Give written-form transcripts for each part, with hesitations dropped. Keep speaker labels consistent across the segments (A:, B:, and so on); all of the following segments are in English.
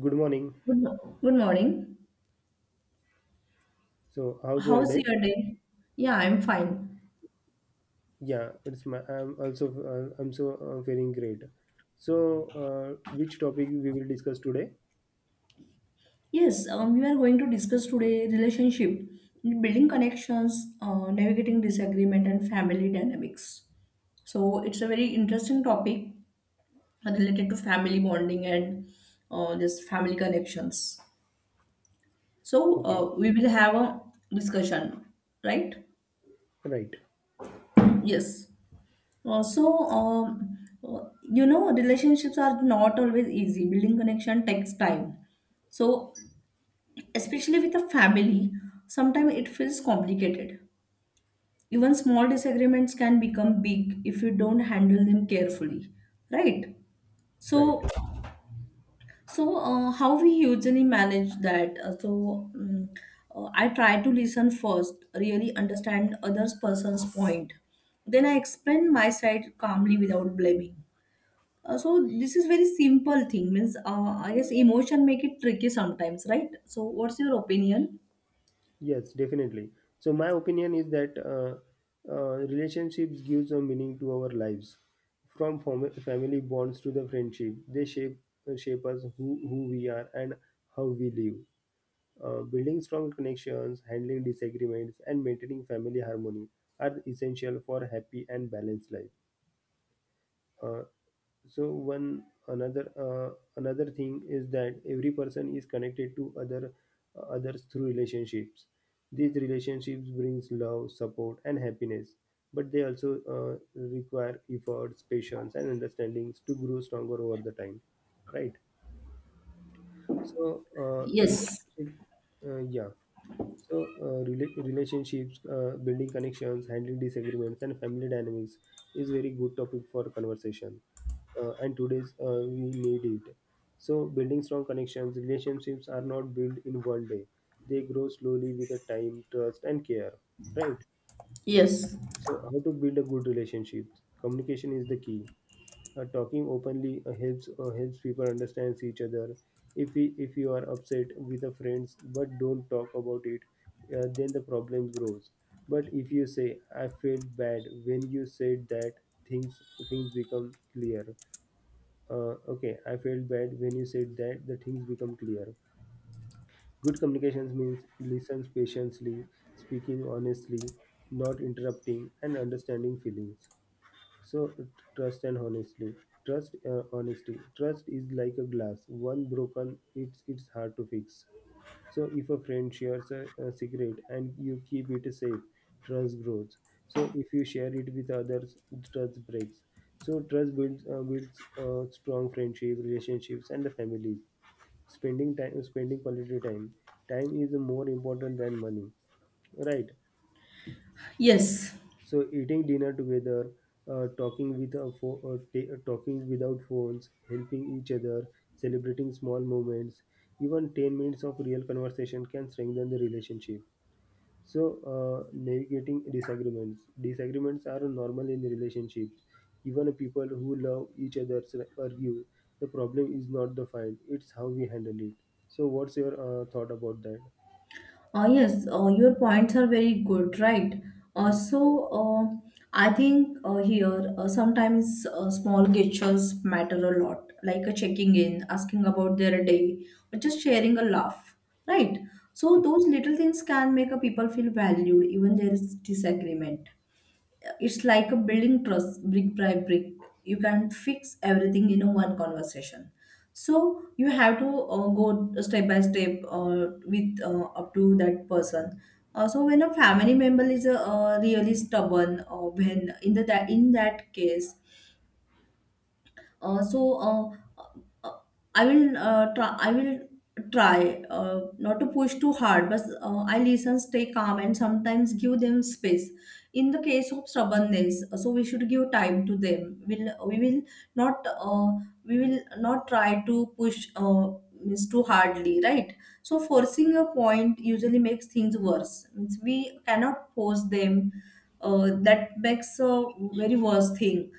A: Good morning.
B: Good morning.
A: So, how's your
B: How's
A: day?
B: your day? Yeah, I'm fine.
A: Yeah, it's my. I'm also. I'm so feeling great. So, which topic we will discuss today?
B: Yes, we are going to discuss today relationship, building connections, navigating disagreement, and family dynamics. So it's a very interesting topic related to family bonding and just family connections. So
A: Okay,
B: we will have a discussion, right?
A: right,
B: Yes. Uh, so, um, relationships are not always easy. Building connection takes time. So, especially with a family, sometimes it feels complicated. Even small disagreements can become big if you don't handle them carefully, right?
A: right.
B: So, so how we usually manage that? I try to listen first, really understand other person's point. Then I explain my side calmly without blaming. So this is very simple thing means I guess emotion make it tricky sometimes, right? So what's your opinion?
A: Yes, definitely. So my opinion is that relationships gives a meaning to our lives, from family bonds to the friendship. They shape us who we are and how we live. Building strong connections, handling disagreements, and maintaining family harmony are essential for happy and balanced life. Uh, so one another another thing is that every person is connected to others through relationships. These relationships brings love, support and happiness, but they also require efforts, patience and understandings to grow stronger over the time, right? So,
B: Yes,
A: relationship. Yeah. So, relationships, building connections, handling disagreements, and family dynamics is very good topic for conversation. And today's we need it. So, building strong connections, relationships are not built in one day. They grow slowly with the time, trust, and care. Right?
B: yes,
A: So, how to build a good relationship? Communication is the key. Talking openly helps people understand each other. If you are upset with a friends but don't talk about it, then the problem grows. But if you say I felt bad when you said that, things things become clear. Okay, I felt bad when you said that. The things become clear. Good communications means listens patiently, speaking honestly, not interrupting, and understanding feelings. So trust and honestly, trust honesty. Trust is like a glass. One broken, it's hard to fix. So if a friend shares a secret and you keep it safe, trust grows. So if you share it with others, trust breaks. So trust builds strong friendship, relationships, and the families. Spending time, spending quality time. Time is more important than money, right?
B: yes,
A: So eating dinner together, talking without phones, helping each other, celebrating small moments. Even 10 minutes of real conversation can strengthen the relationship. So, navigating disagreements are normal in relationships. Even people who love each other argue. The problem is not the fight, it's how we handle it. So what's your thought about that?
B: yes, your points are very good, right?
A: Mm, yeah,
B: I think here sometimes small gestures matter a lot, like a checking in, asking about their day, or just sharing a laugh, right? So, those little things can make a people feel valued, even there is disagreement. It's like a building trust brick by brick. You can't fix everything in a one conversation. So you have to go step by step with up to that person. So when a family member is really stubborn, or when in that case, uh, so uh, uh, I will try. I will try not to push too hard, but I listen, stay calm, and sometimes give them space. In the case of stubbornness, so we should give time to them. We will not we will not try to push means too hardly, right? So forcing a point usually makes things worse. Means we cannot force them. That makes a very worse thing,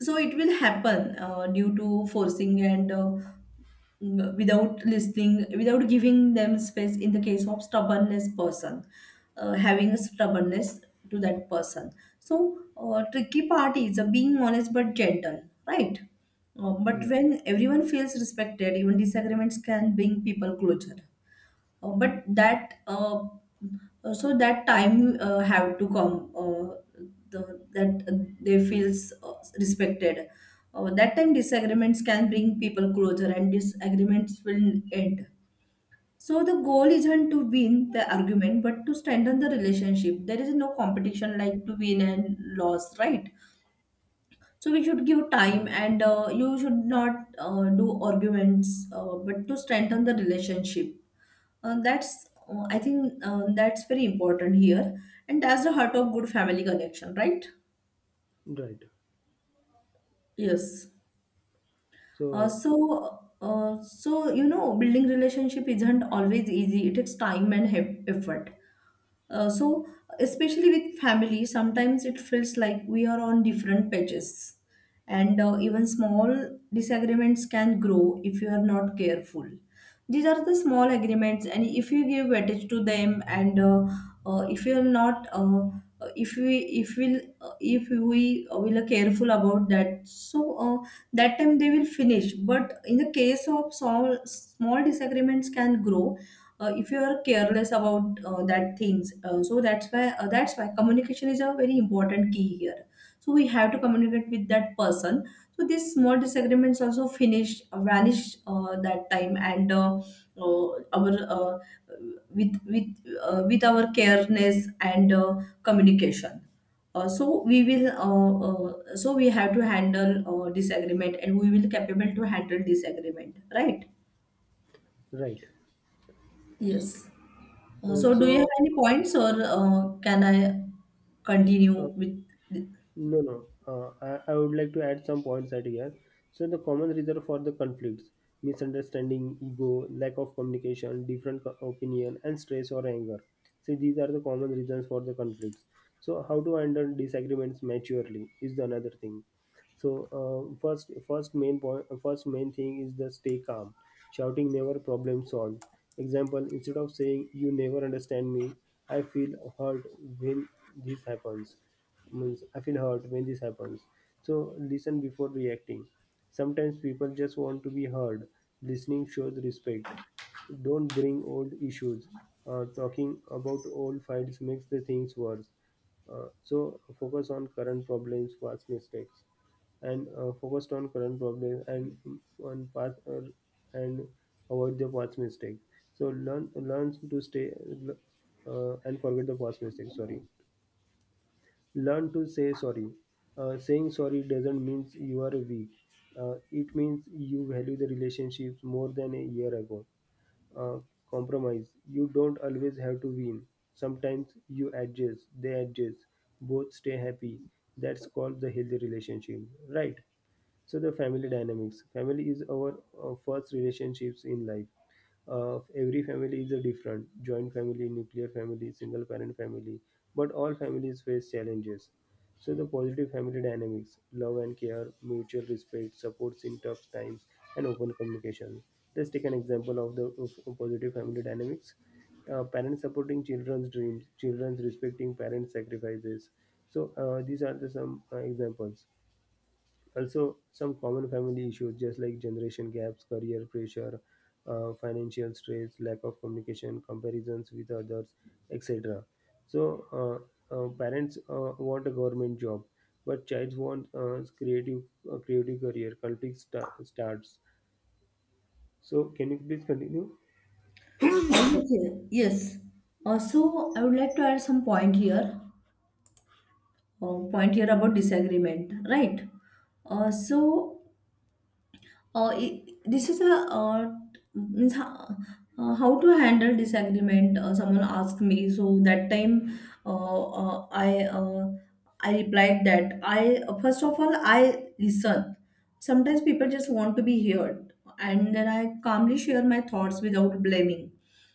B: so it will happen due to forcing and without listening, without giving them space, in the case of stubbornness person having a stubbornness to that person. So tricky part is being honest but gentle, right? But
A: yeah,
B: when everyone feels respected, even disagreements can bring people closer. But that so that time have to come, they feels respected. That time disagreements can bring people closer and disagreements will end. So the goal isn't to win the argument but to strengthen the relationship. There is no competition like to win and loss, right? So we should give time
A: right.
B: and you should not do arguments, but to strengthen the relationship. That's I think that's very important here, and that's the heart of good family connection, right?
A: Right.
B: Yes.
A: So,
B: Building relationship isn't always easy. It takes time and effort. Uh, so, especially with family, sometimes it feels like we are on different pages, and even small disagreements can grow if you are not careful. These are the small agreements, and if you give weightage to them, and if you are not, if we if will if we will are careful about that, so uh, that time they will finish. But in the case of small small disagreements can grow, if you are careless about that things, so that's why communication is a very important key here. So we have to communicate with that person, so these small disagreements also finish, vanish that time, and uh, our with with our careness and communication, so we have to handle disagreement and we will capable to handle disagreement, right?
A: right.
B: Yes. Uh,
A: Uh,
B: so, do you
A: so,
B: have any points, or can I continue
A: uh,
B: with? The...
A: no, no. I would like to add some points at here. So, the common reason for the conflicts, misunderstanding, ego, lack of communication, different opinion, and stress or anger. So, these are the common reasons for the conflicts. So, how to handle disagreements maturely is the another thing. So, first main thing is the stay calm. Shouting never problem solved. Example: instead of saying "You never understand me," I feel hurt when this happens. Means I feel hurt when this happens. So listen before reacting. Sometimes people just want to be heard. Listening shows respect. Don't bring old issues. Talking about old fights makes the things worse. So focus on current problems, past mistakes, and focused on current problems and on past, and avoid the past mistakes. So learn to stay and forget the past mistakes. Sorry, learn to say sorry. Saying sorry doesn't mean you are weak. It means you value the relationships more than a year ago. Uh, Compromise. You don't always have to win. Sometimes you adjust, they adjust, both stay happy. That's called the healthy relationship, right? So the family dynamics. Family is our first relationships in life. Every family is a different. Joint family, nuclear family, single parent family. But all families face challenges. So the positive family dynamics, love and care, mutual respect, supports in tough times, and open communication. Let's take an example of the of positive family dynamics. Parents supporting children's dreams, children's respecting parents' sacrifices. So, these are the some examples. Also, some common family issues, just like generation gaps, career pressure, financial stress, lack of communication, comparisons with others, etc. So, uh, parents want a government job, but child wants creative career. Conflict starts. So, can you please continue?
B: Oh, yes, yes. Yes. I would like to add some point here. Point here about disagreement, right? Uh, so, this is a uh, means how to handle disagreement someone asked me, so that time uh, uh, i uh, I replied that i, first of all, I listen. Sometimes people just want to be heard, and then I calmly share my thoughts without blaming.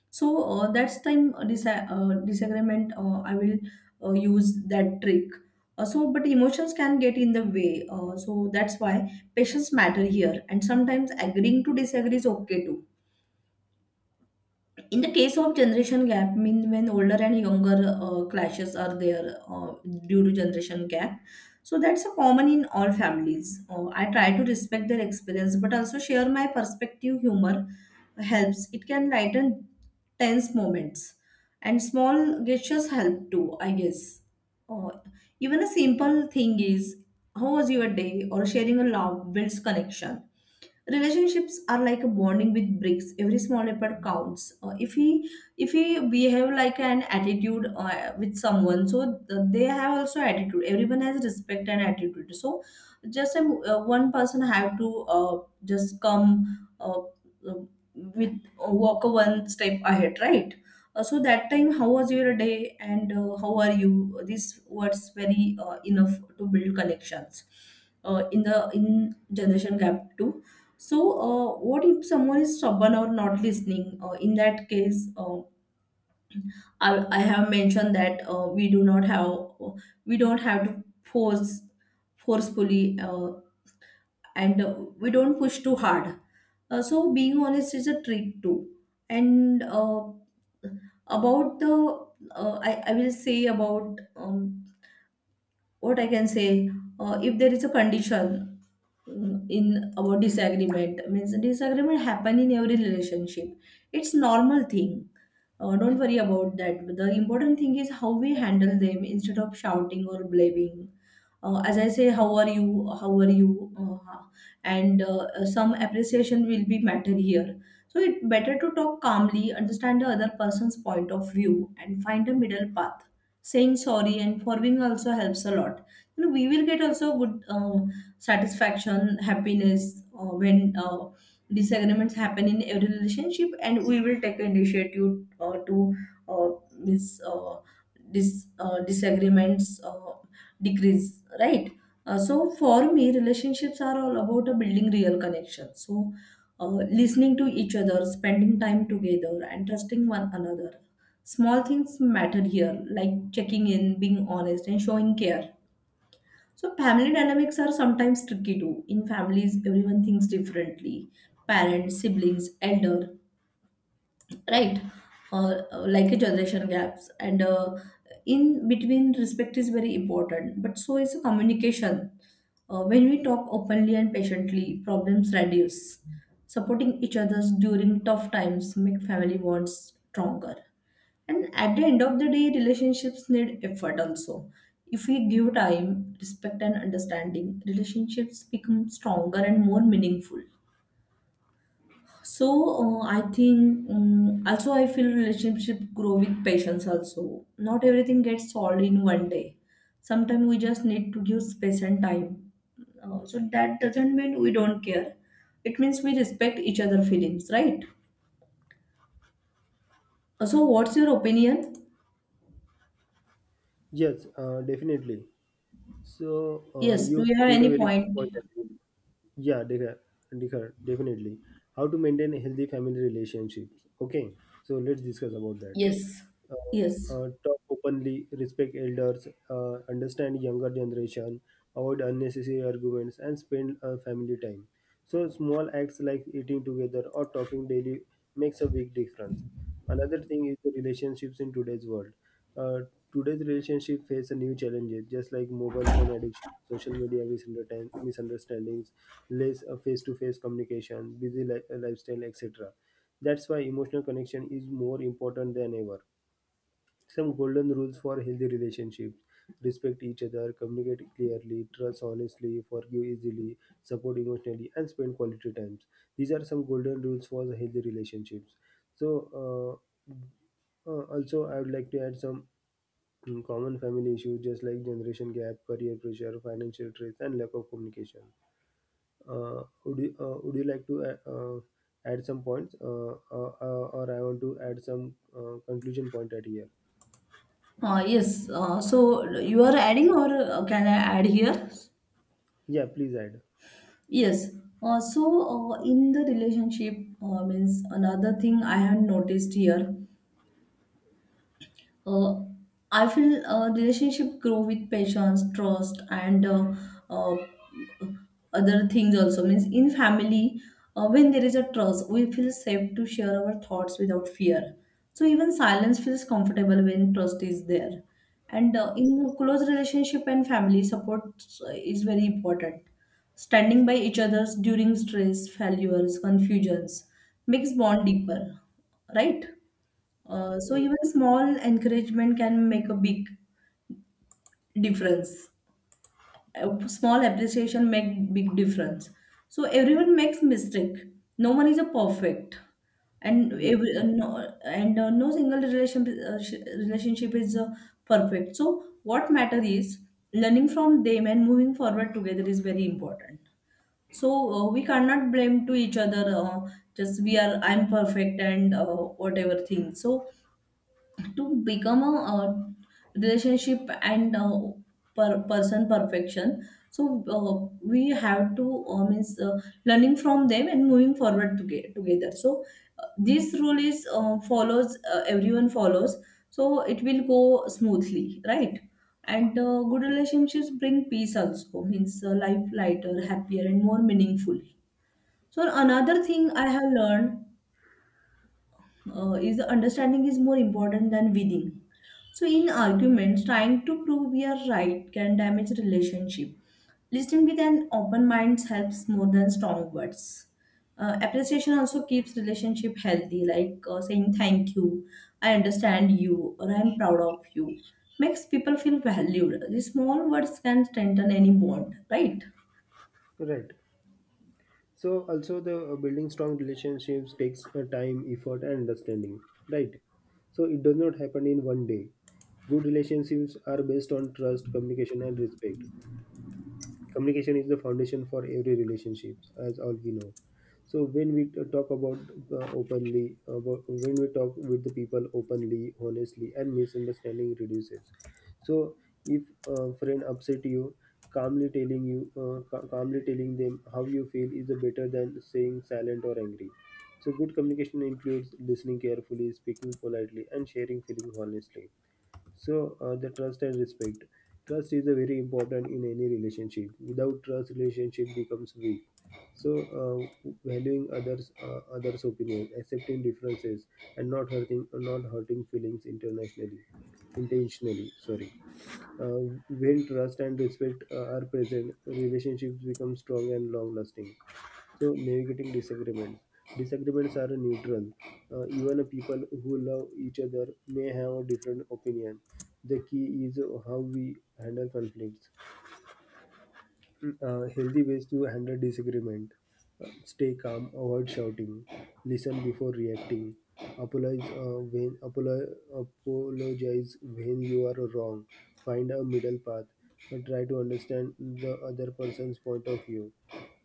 B: So that's time, disagreement. I will use that trick. But emotions can get in the way. So that's why patience matter here. And sometimes agreeing to disagree is okay too, in the case of generation gap, mean when older and younger clashes are there uh, due to generation gap, so that's a common in all families. I try to respect their experience but also share my perspective. Humor helps, it can lighten tense moments, and small gestures help too, I guess. Uh, Even a simple thing is, how was your day, or sharing a laugh builds connection. Relationships are like a bonding with bricks, every small effort counts. If we behave like an attitude with someone, so they have also attitude. Everyone has respect and attitude, so just one person have to just come uh, with walk one step ahead, right? So that time, how was your day, and how are you, these words very enough to build connections in generation gap too. So, what if someone is stubborn or not listening? In that case, I have mentioned that we do not have uh, we don't have to force forcefully, and we don't push too hard. Being honest is a trick too. And about the, I will say about what I can say, if there is a condition in our disagreement, means disagreement happen in every relationship. It's normal thing, don't worry about that. The important thing is how we handle them instead of shouting or blaming. As I say, how are you? How are you? And Some appreciation will be matter here. So it's better to talk calmly, understand the other person's point of view, and find a middle path. Saying sorry and forgiving also helps a lot. You know, we will get also good satisfaction, happiness, when disagreements happen in every relationship and we will take initiative to uh, this uh, disagreements decrease, right? So for me, relationships are all about building real connection. So uh, listening to each other, spending time together, and trusting one another. Small things matter here, like checking in, being honest, and showing care. So family dynamics are sometimes tricky too. In families, everyone thinks differently. Parents, siblings, elder, right? Like a generation gaps, and in between, respect is very important. But so is communication. When we talk openly and patiently, problems reduce. Supporting each other during tough times make family bonds stronger. And at the end of the day, relationships need effort also. If we give time, respect, and understanding, relationships become stronger and more meaningful. So I think also I feel relationship grow with patience also. Not everything gets solved in one day. Sometimes we just need to give space and time. So that doesn't mean we don't care. It means we respect each other feelings, right? So what's your opinion?
A: Yes, definitely. So,
B: Yes. Do
A: you
B: you have
A: put a
B: any
A: very good
B: point?
A: point, actually. Yeah, Dekhar, Dekhar, definitely. How to maintain a healthy family relationships. Okay, so let's discuss about that.
B: Yes. Yes.
A: Talk openly, respect elders, understand younger generation, avoid unnecessary arguments, and spend family time. So small acts like eating together or talking daily makes a big difference. Another thing is the relationships in today's world. Uh, Today's relationship face a new challenges, just like mobile phone addiction, social media misunderstandings, less face-to-face communication, busy lifestyle, etc. That's why emotional connection is more important than ever. Some golden rules for healthy relationships: respect each other, communicate clearly, trust honestly, forgive easily, support emotionally, and spend quality times. These are some golden rules for the healthy relationships. So, also I would like to add some common family issues, just like generation gap, career pressure, financial stress, and lack of communication. Would you like to add some points, or I want to add some conclusion point at here?
B: Yes. So you are adding, or can I add here?
A: Yeah, please add.
B: Yes. In the relationship, means another thing I have noticed here. Uh, I feel relationship grow with patience, trust, and uh, other things also. Means in family, when there is a trust, we feel safe to share our thoughts without fear. So even silence feels comfortable when trust is there. And in close relationship and family, support is very important. Standing by each other during stress, failures, confusions makes bond deeper, right? So
A: Uh,
B: even small encouragement can make a big difference. A small appreciation make big difference. So everyone makes mistake. No one is a perfect, and
A: Yes,
B: every
A: yes,
B: no and no single relationship relationship is perfect. So what matter is learning from them and moving forward together is very important. So we cannot blame to each other. Just we are I'm perfect and whatever thing. So to become a, relationship and person perfection. So we have to means learning from them and moving forward together. So this rule is follows, everyone follows, so it will go smoothly, right? And good relationships bring peace, also means life lighter, happier, and more meaningful. So another thing I have learned is understanding is more important than winning. So in arguments, trying to prove we are right can damage relationship. Listening with an open mind helps more than strong words. Appreciation also keeps relationship healthy, like saying thank you, I understand you, or I'm proud of you. Makes people feel valued. These small words can strengthen any bond, right?
A: correct. So also the building strong relationships takes time, effort, and understanding, right? So it does not happen in one day. Good relationships are based on trust, communication, and respect. Communication is the foundation for every relationship, as all we know. So when we t- talk about openly about when we talk with the people openly, honestly, and misunderstanding reduces. So if a friend upset you, calmly telling you calmly telling them how you feel is better than saying silent or angry. So good communication includes listening carefully, speaking politely, and sharing feeling honestly. So, the trust and respect. Trust is a very important in any relationship. Without trust, relationship becomes weak. So, valuing others' opinions, accepting differences, and not hurting feelings internationally, intentionally. Sorry. When trust and respect are present, relationships become strong and long lasting. So navigating disagreements. Disagreements are neutral. Even people who love each other may have a different opinion. The key is how we handle conflicts. Healthy ways to handle disagreement: stay calm, avoid shouting, listen before reacting, apologize uh, when apolo- apologize when you are wrong, find a middle path, and try to understand the other person's point of view.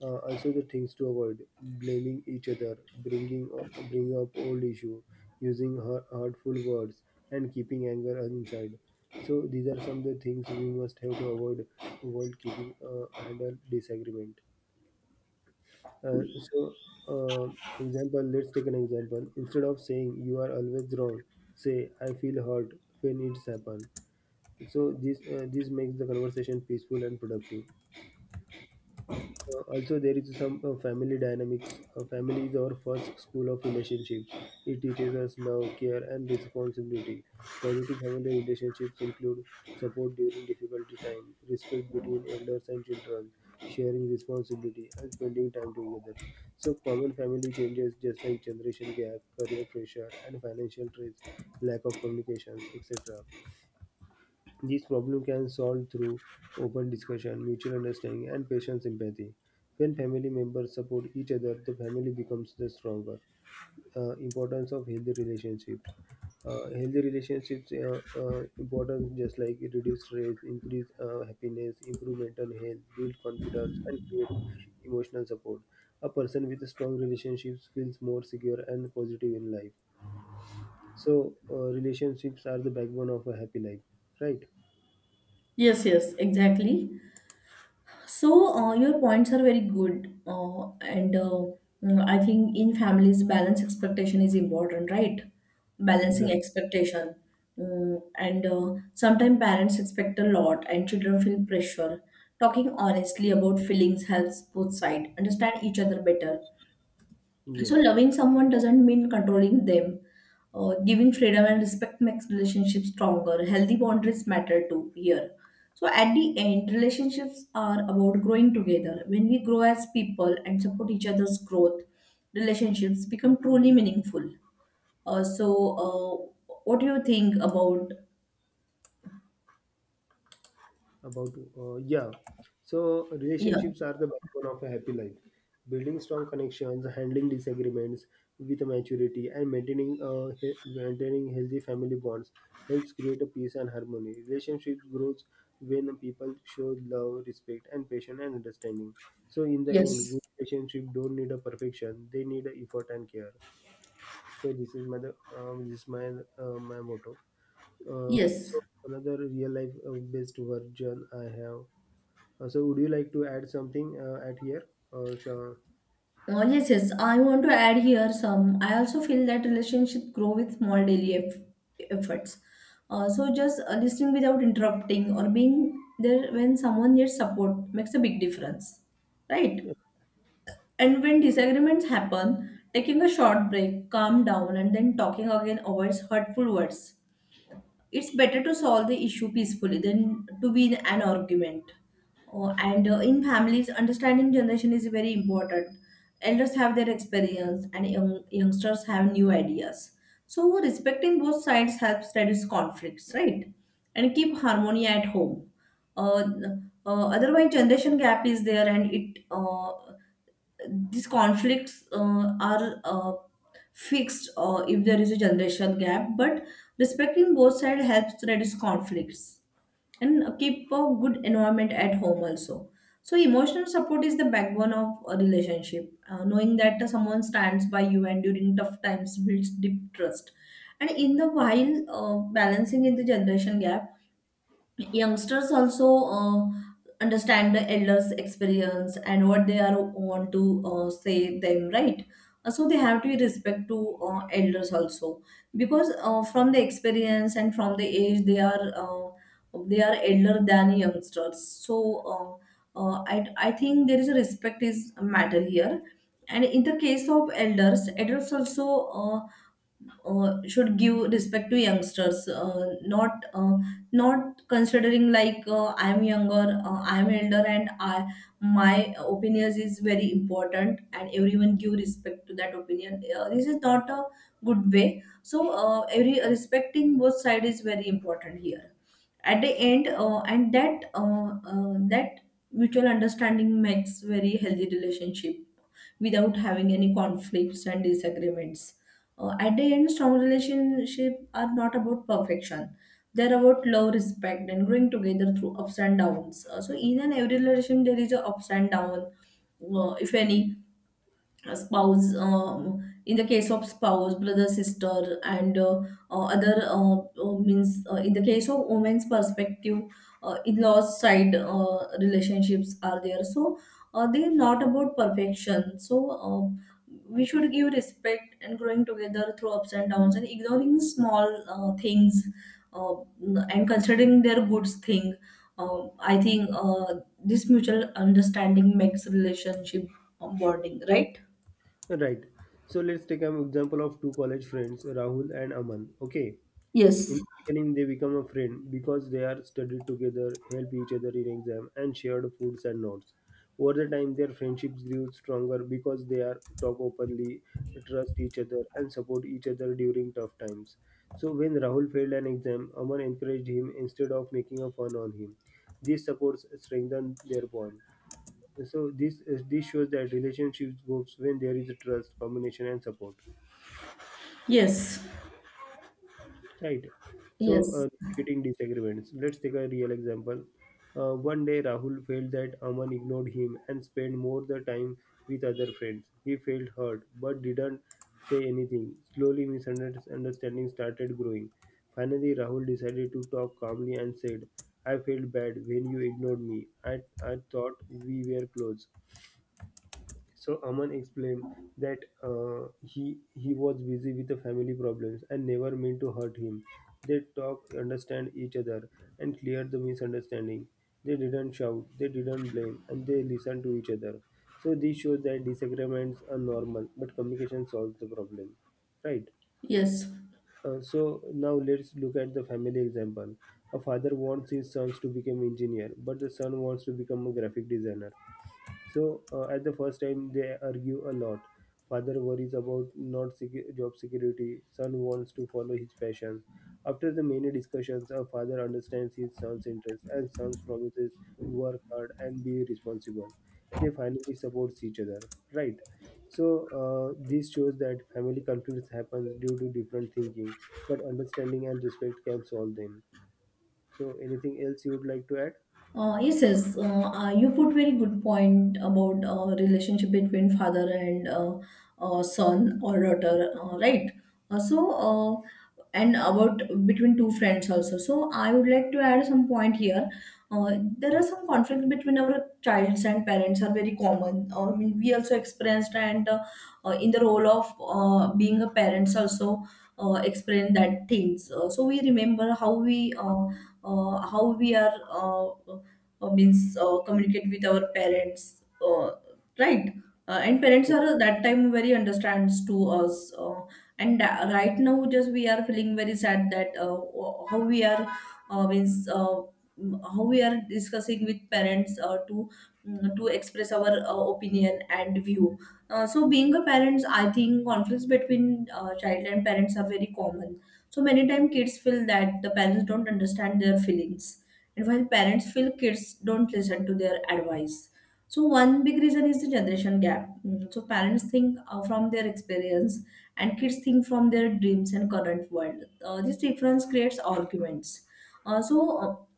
A: Also the things to avoid: blaming each other, bringing up old issue, using hurtful words, and keeping anger inside. So these are some of the things we must have to avoid while keeping handle disagreement. Uh, so, example. Let's take an example. Instead of saying "you are always wrong," say "I feel hurt when it's happened." So this makes the conversation peaceful and productive. Also, there is some family dynamics. Family is our first school of relationships. It teaches us love, care, and responsibility. Positive family relationships include support during difficult times, respect between elders and children, sharing responsibility, and spending time together. So, common family changes just like generation gap, career pressure, and financial stress, lack of communications, etc. These problems can solve through open discussion, mutual understanding, and patient sympathy. When family members support each other, the family becomes the stronger. Importance of healthy relationships. Healthy relationships important, just like it reduce stress, increase happiness, improve mental health, build confidence, and create emotional support. A person with strong relationships feels more secure and positive in life. So, relationships are the backbone of a happy life, right?
B: Yes, yes, exactly. So, your points are very good. I think in families, balance expectation is important, right? Balancing
A: Right.
B: expectation. Mm, and Sometimes parents expect a lot, and children feel pressure. Talking honestly about feelings helps both sides understand each other better. So
A: Yes.
B: loving someone doesn't mean controlling them. Giving freedom and respect makes relationships stronger. Healthy boundaries matter too here. So at the end, relationships are about growing together. When we grow as people and support each other's growth, relationships become truly meaningful. What do you think about
A: about yeah so
B: yeah,
A: relationships are the backbone of a happy life, building strong connections, handling disagreements with maturity, and maintaining maintaining healthy family bonds helps create a peace and harmony. Relationships grows when people show love, respect, and patience and understanding. So in the end
B: yes,
A: good relationship don't need a perfection, they need a effort and care. So This is my motto.
B: yes.
A: So another real life based version I have. So would you like to add something at here, or shall...
B: Oh, yes, yes. I want to add here some. I also feel that relationship grow with small daily efforts. So just Listening without interrupting or being there when someone needs support makes a big difference, right? And when disagreements happen, taking a short break, calm down, and then talking again avoids hurtful words. It's better to solve the issue peacefully than to be in an argument. Oh, and in families, understanding generation is very important. Elders have their experience, and young, youngsters have new ideas. So respecting both sides helps reduce conflicts, right? And keep harmony at home. Uh, Otherwise, generation gap is there, and it these conflicts are fixed if there is a generation gap, but respecting both sides helps reduce conflicts and keep a good environment at home also. So emotional support is the backbone of a relationship. Knowing that someone stands by you and during tough times builds deep trust. And in the while, balancing in the generation gap, youngsters also understand the elders experience and what they are want to say them, right? So they have to respect to elders also, because from the experience and from the age they are elder than youngsters. So uh, uh, I, I think there is a respect is a matter here, and in the case of elders, elders also uh, should give respect to youngsters, not not considering like I am younger, I am elder, and I my opinions is very important and everyone give respect to that opinion. This is not a good way. So every respecting both side is very important here. At the end, and that that mutual understanding makes very healthy relationship without having any conflicts and disagreements. At the end, strong relationships are not about perfection. They're about love, respect, and growing together through ups and downs. So in an every relation, there is a ups and down, if any a spouse, in the case of spouse, brother, sister, and other means in the case of women's perspective, in-laws side relationships are there. So they're not about perfection. So we should give respect and growing together through ups and downs and ignoring small things, uh, and considering their good thing. I think this mutual understanding makes relationship bonding, right?
A: right? So let's take an example of two college friends, Rahul and Aman. Okay.
B: Yes,
A: In the beginning, they become a friend because they are studied together, help each other in exam, and shared foods and notes. Over the time, their friendships grew stronger because they are talk openly, trust each other, and support each other during tough times. So when Rahul failed an exam, Aman encouraged him instead of making a fun on him. These supports strengthen their bond. So this shows that relationships grows when there is trust, combination, and support.
B: yes,
A: Right. So,
B: yes,
A: getting disagreements. Let's take a real example. One day, Rahul felt that Aman ignored him and spent more the time with other friends. He felt hurt but didn't say anything. Slowly, misunderstanding started growing. Finally, Rahul decided to talk calmly and said, I felt bad when you ignored me. I thought we were close. So Aman explained that he was busy with the family problems and never meant to hurt him. They talked, understand each other, and cleared the misunderstanding. They didn't shout, they didn't blame, and they listened to each other. So this shows that disagreements are normal, but communication solves the problem, right?
B: yes.
A: So now let's look at the family example. A father wants his sons to become engineer, but the son wants to become a graphic designer. So, at the first time they argue a lot. Father worries about not secu- job security. Son wants to follow his passion. After the many discussions, a father understands his son's interests and son promises to work hard and be responsible. They finally support each other, right? So, this shows that family conflicts happens due to different thinking, but understanding and respect can solve them. So anything else you would like to add?
B: Yes, yes. You put very good point about relationship between father and son or daughter, right? Uh, so, and about between two friends also. So, I would like to add some point here. There are some conflicts between our childs and parents are very common. I mean, we also experienced, and in the role of being a parents also experience that things. So we remember how we. How we are means communicate with our parents, right? And parents
A: Hmm.
B: are that time very understands to us, and right now just we are feeling very sad that how we are uh, means uh, how we are discussing with parents to to express our opinion and view. So being a parents, I think conflicts between child and parents are very common. So many time, kids feel that the parents don't understand their feelings, and while parents feel kids don't listen to their advice. So, one big reason is the generation gap. So, parents think from their experience, and kids think from their dreams and current world. This difference creates arguments. Uh, so,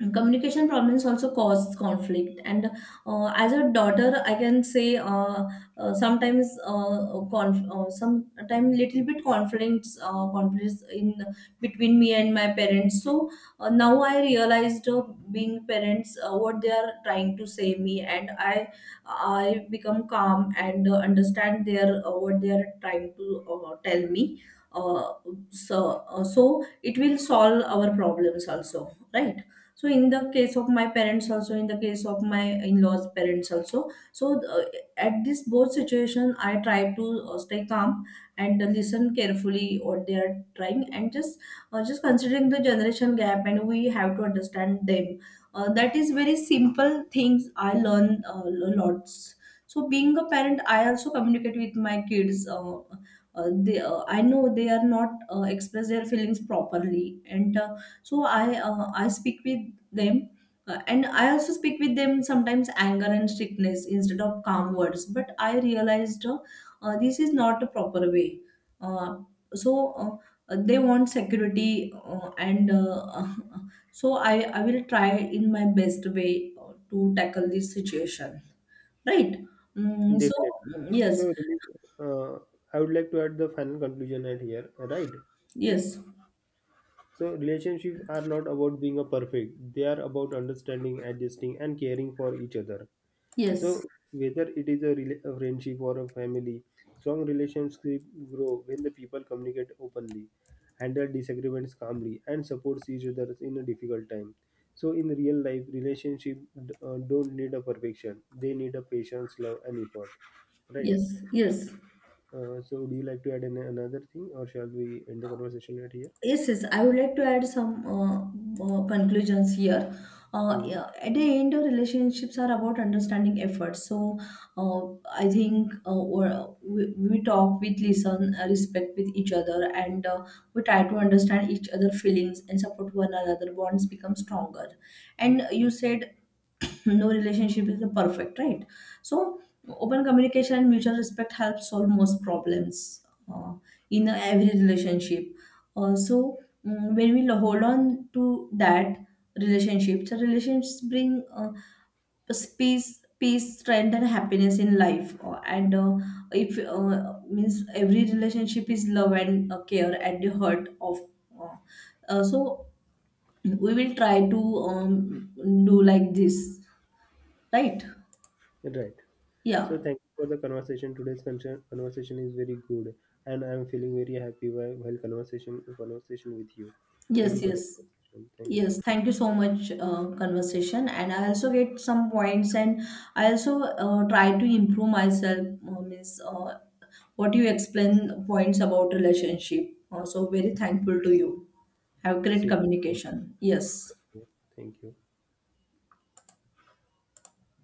B: and communication problems also cause conflict. And as a daughter, I can say sometimes sometimes little bit conflicts, conflicts in between me and my parents. So now I realized being parents what they are trying to say me, and I I become calm and understand their what they are trying to tell me. uh, so it will solve our problems also, right? So in the case of my parents also, in the case of my in-laws parents also, so at this both situation, I try to stay calm and listen carefully what they are trying, and just considering the generation gap, and we have to understand them. That is very simple things I learn lots. So being a parent, I also communicate with my kids. I know they are not express their feelings properly, and so I speak with them, and I also speak with them sometimes anger and strictness instead of calm words, but I realized this is not a proper way. uh, so uh, they want security, and so I will try in my best way to tackle this situation, right? Mm, so
A: Definitely.
B: yes,
A: So, uh, I would like to add the final conclusion at here, right?
B: yes,
A: So, relationships are not about being a perfect. They are about understanding, adjusting, and caring for each other.
B: yes,
A: So, whether it is a friendship or a family, strong relationships grow when the people communicate openly, handle disagreements calmly, and supports each other in a difficult time. So, in real life, relationships don't need a perfection. They need a patience, love, and effort, right?
B: yes, yes.
A: So, do you like to add in another thing, or shall we end the conversation right here?
B: Yes, yes. I would like to add some conclusions here.
A: Hmm.
B: Yeah, at the end, our relationships are about understanding effort. So, uh, I think we talk, we listen, respect with each other, and we try to understand each other feelings and support one another. Bonds become stronger. And you said no relationship is perfect, right? So open communication and mutual respect help solve most problems uh, in every relationship. uh, so when we hold on to that relationship, the relationships bring peace, strength, and happiness in life. And If means every relationship is love and care at the heart of, uh, so we will try to um, do like this, right?
A: Right. So,
B: Yeah.
A: thank you for the conversation. Today's conversation is very good, and I'm feeling very happy while, conversation with you. Thank
B: Yes,
A: you for the
B: yes.
A: conversation. Thank you so
B: Yes,
A: much.
B: thank you so much conversation, and I also get some points, and I also try to improve myself, means what you explain points about relationship. So very thankful to you. Have great
A: Same. Same.
B: communication. Yes.
A: Here. Thank you.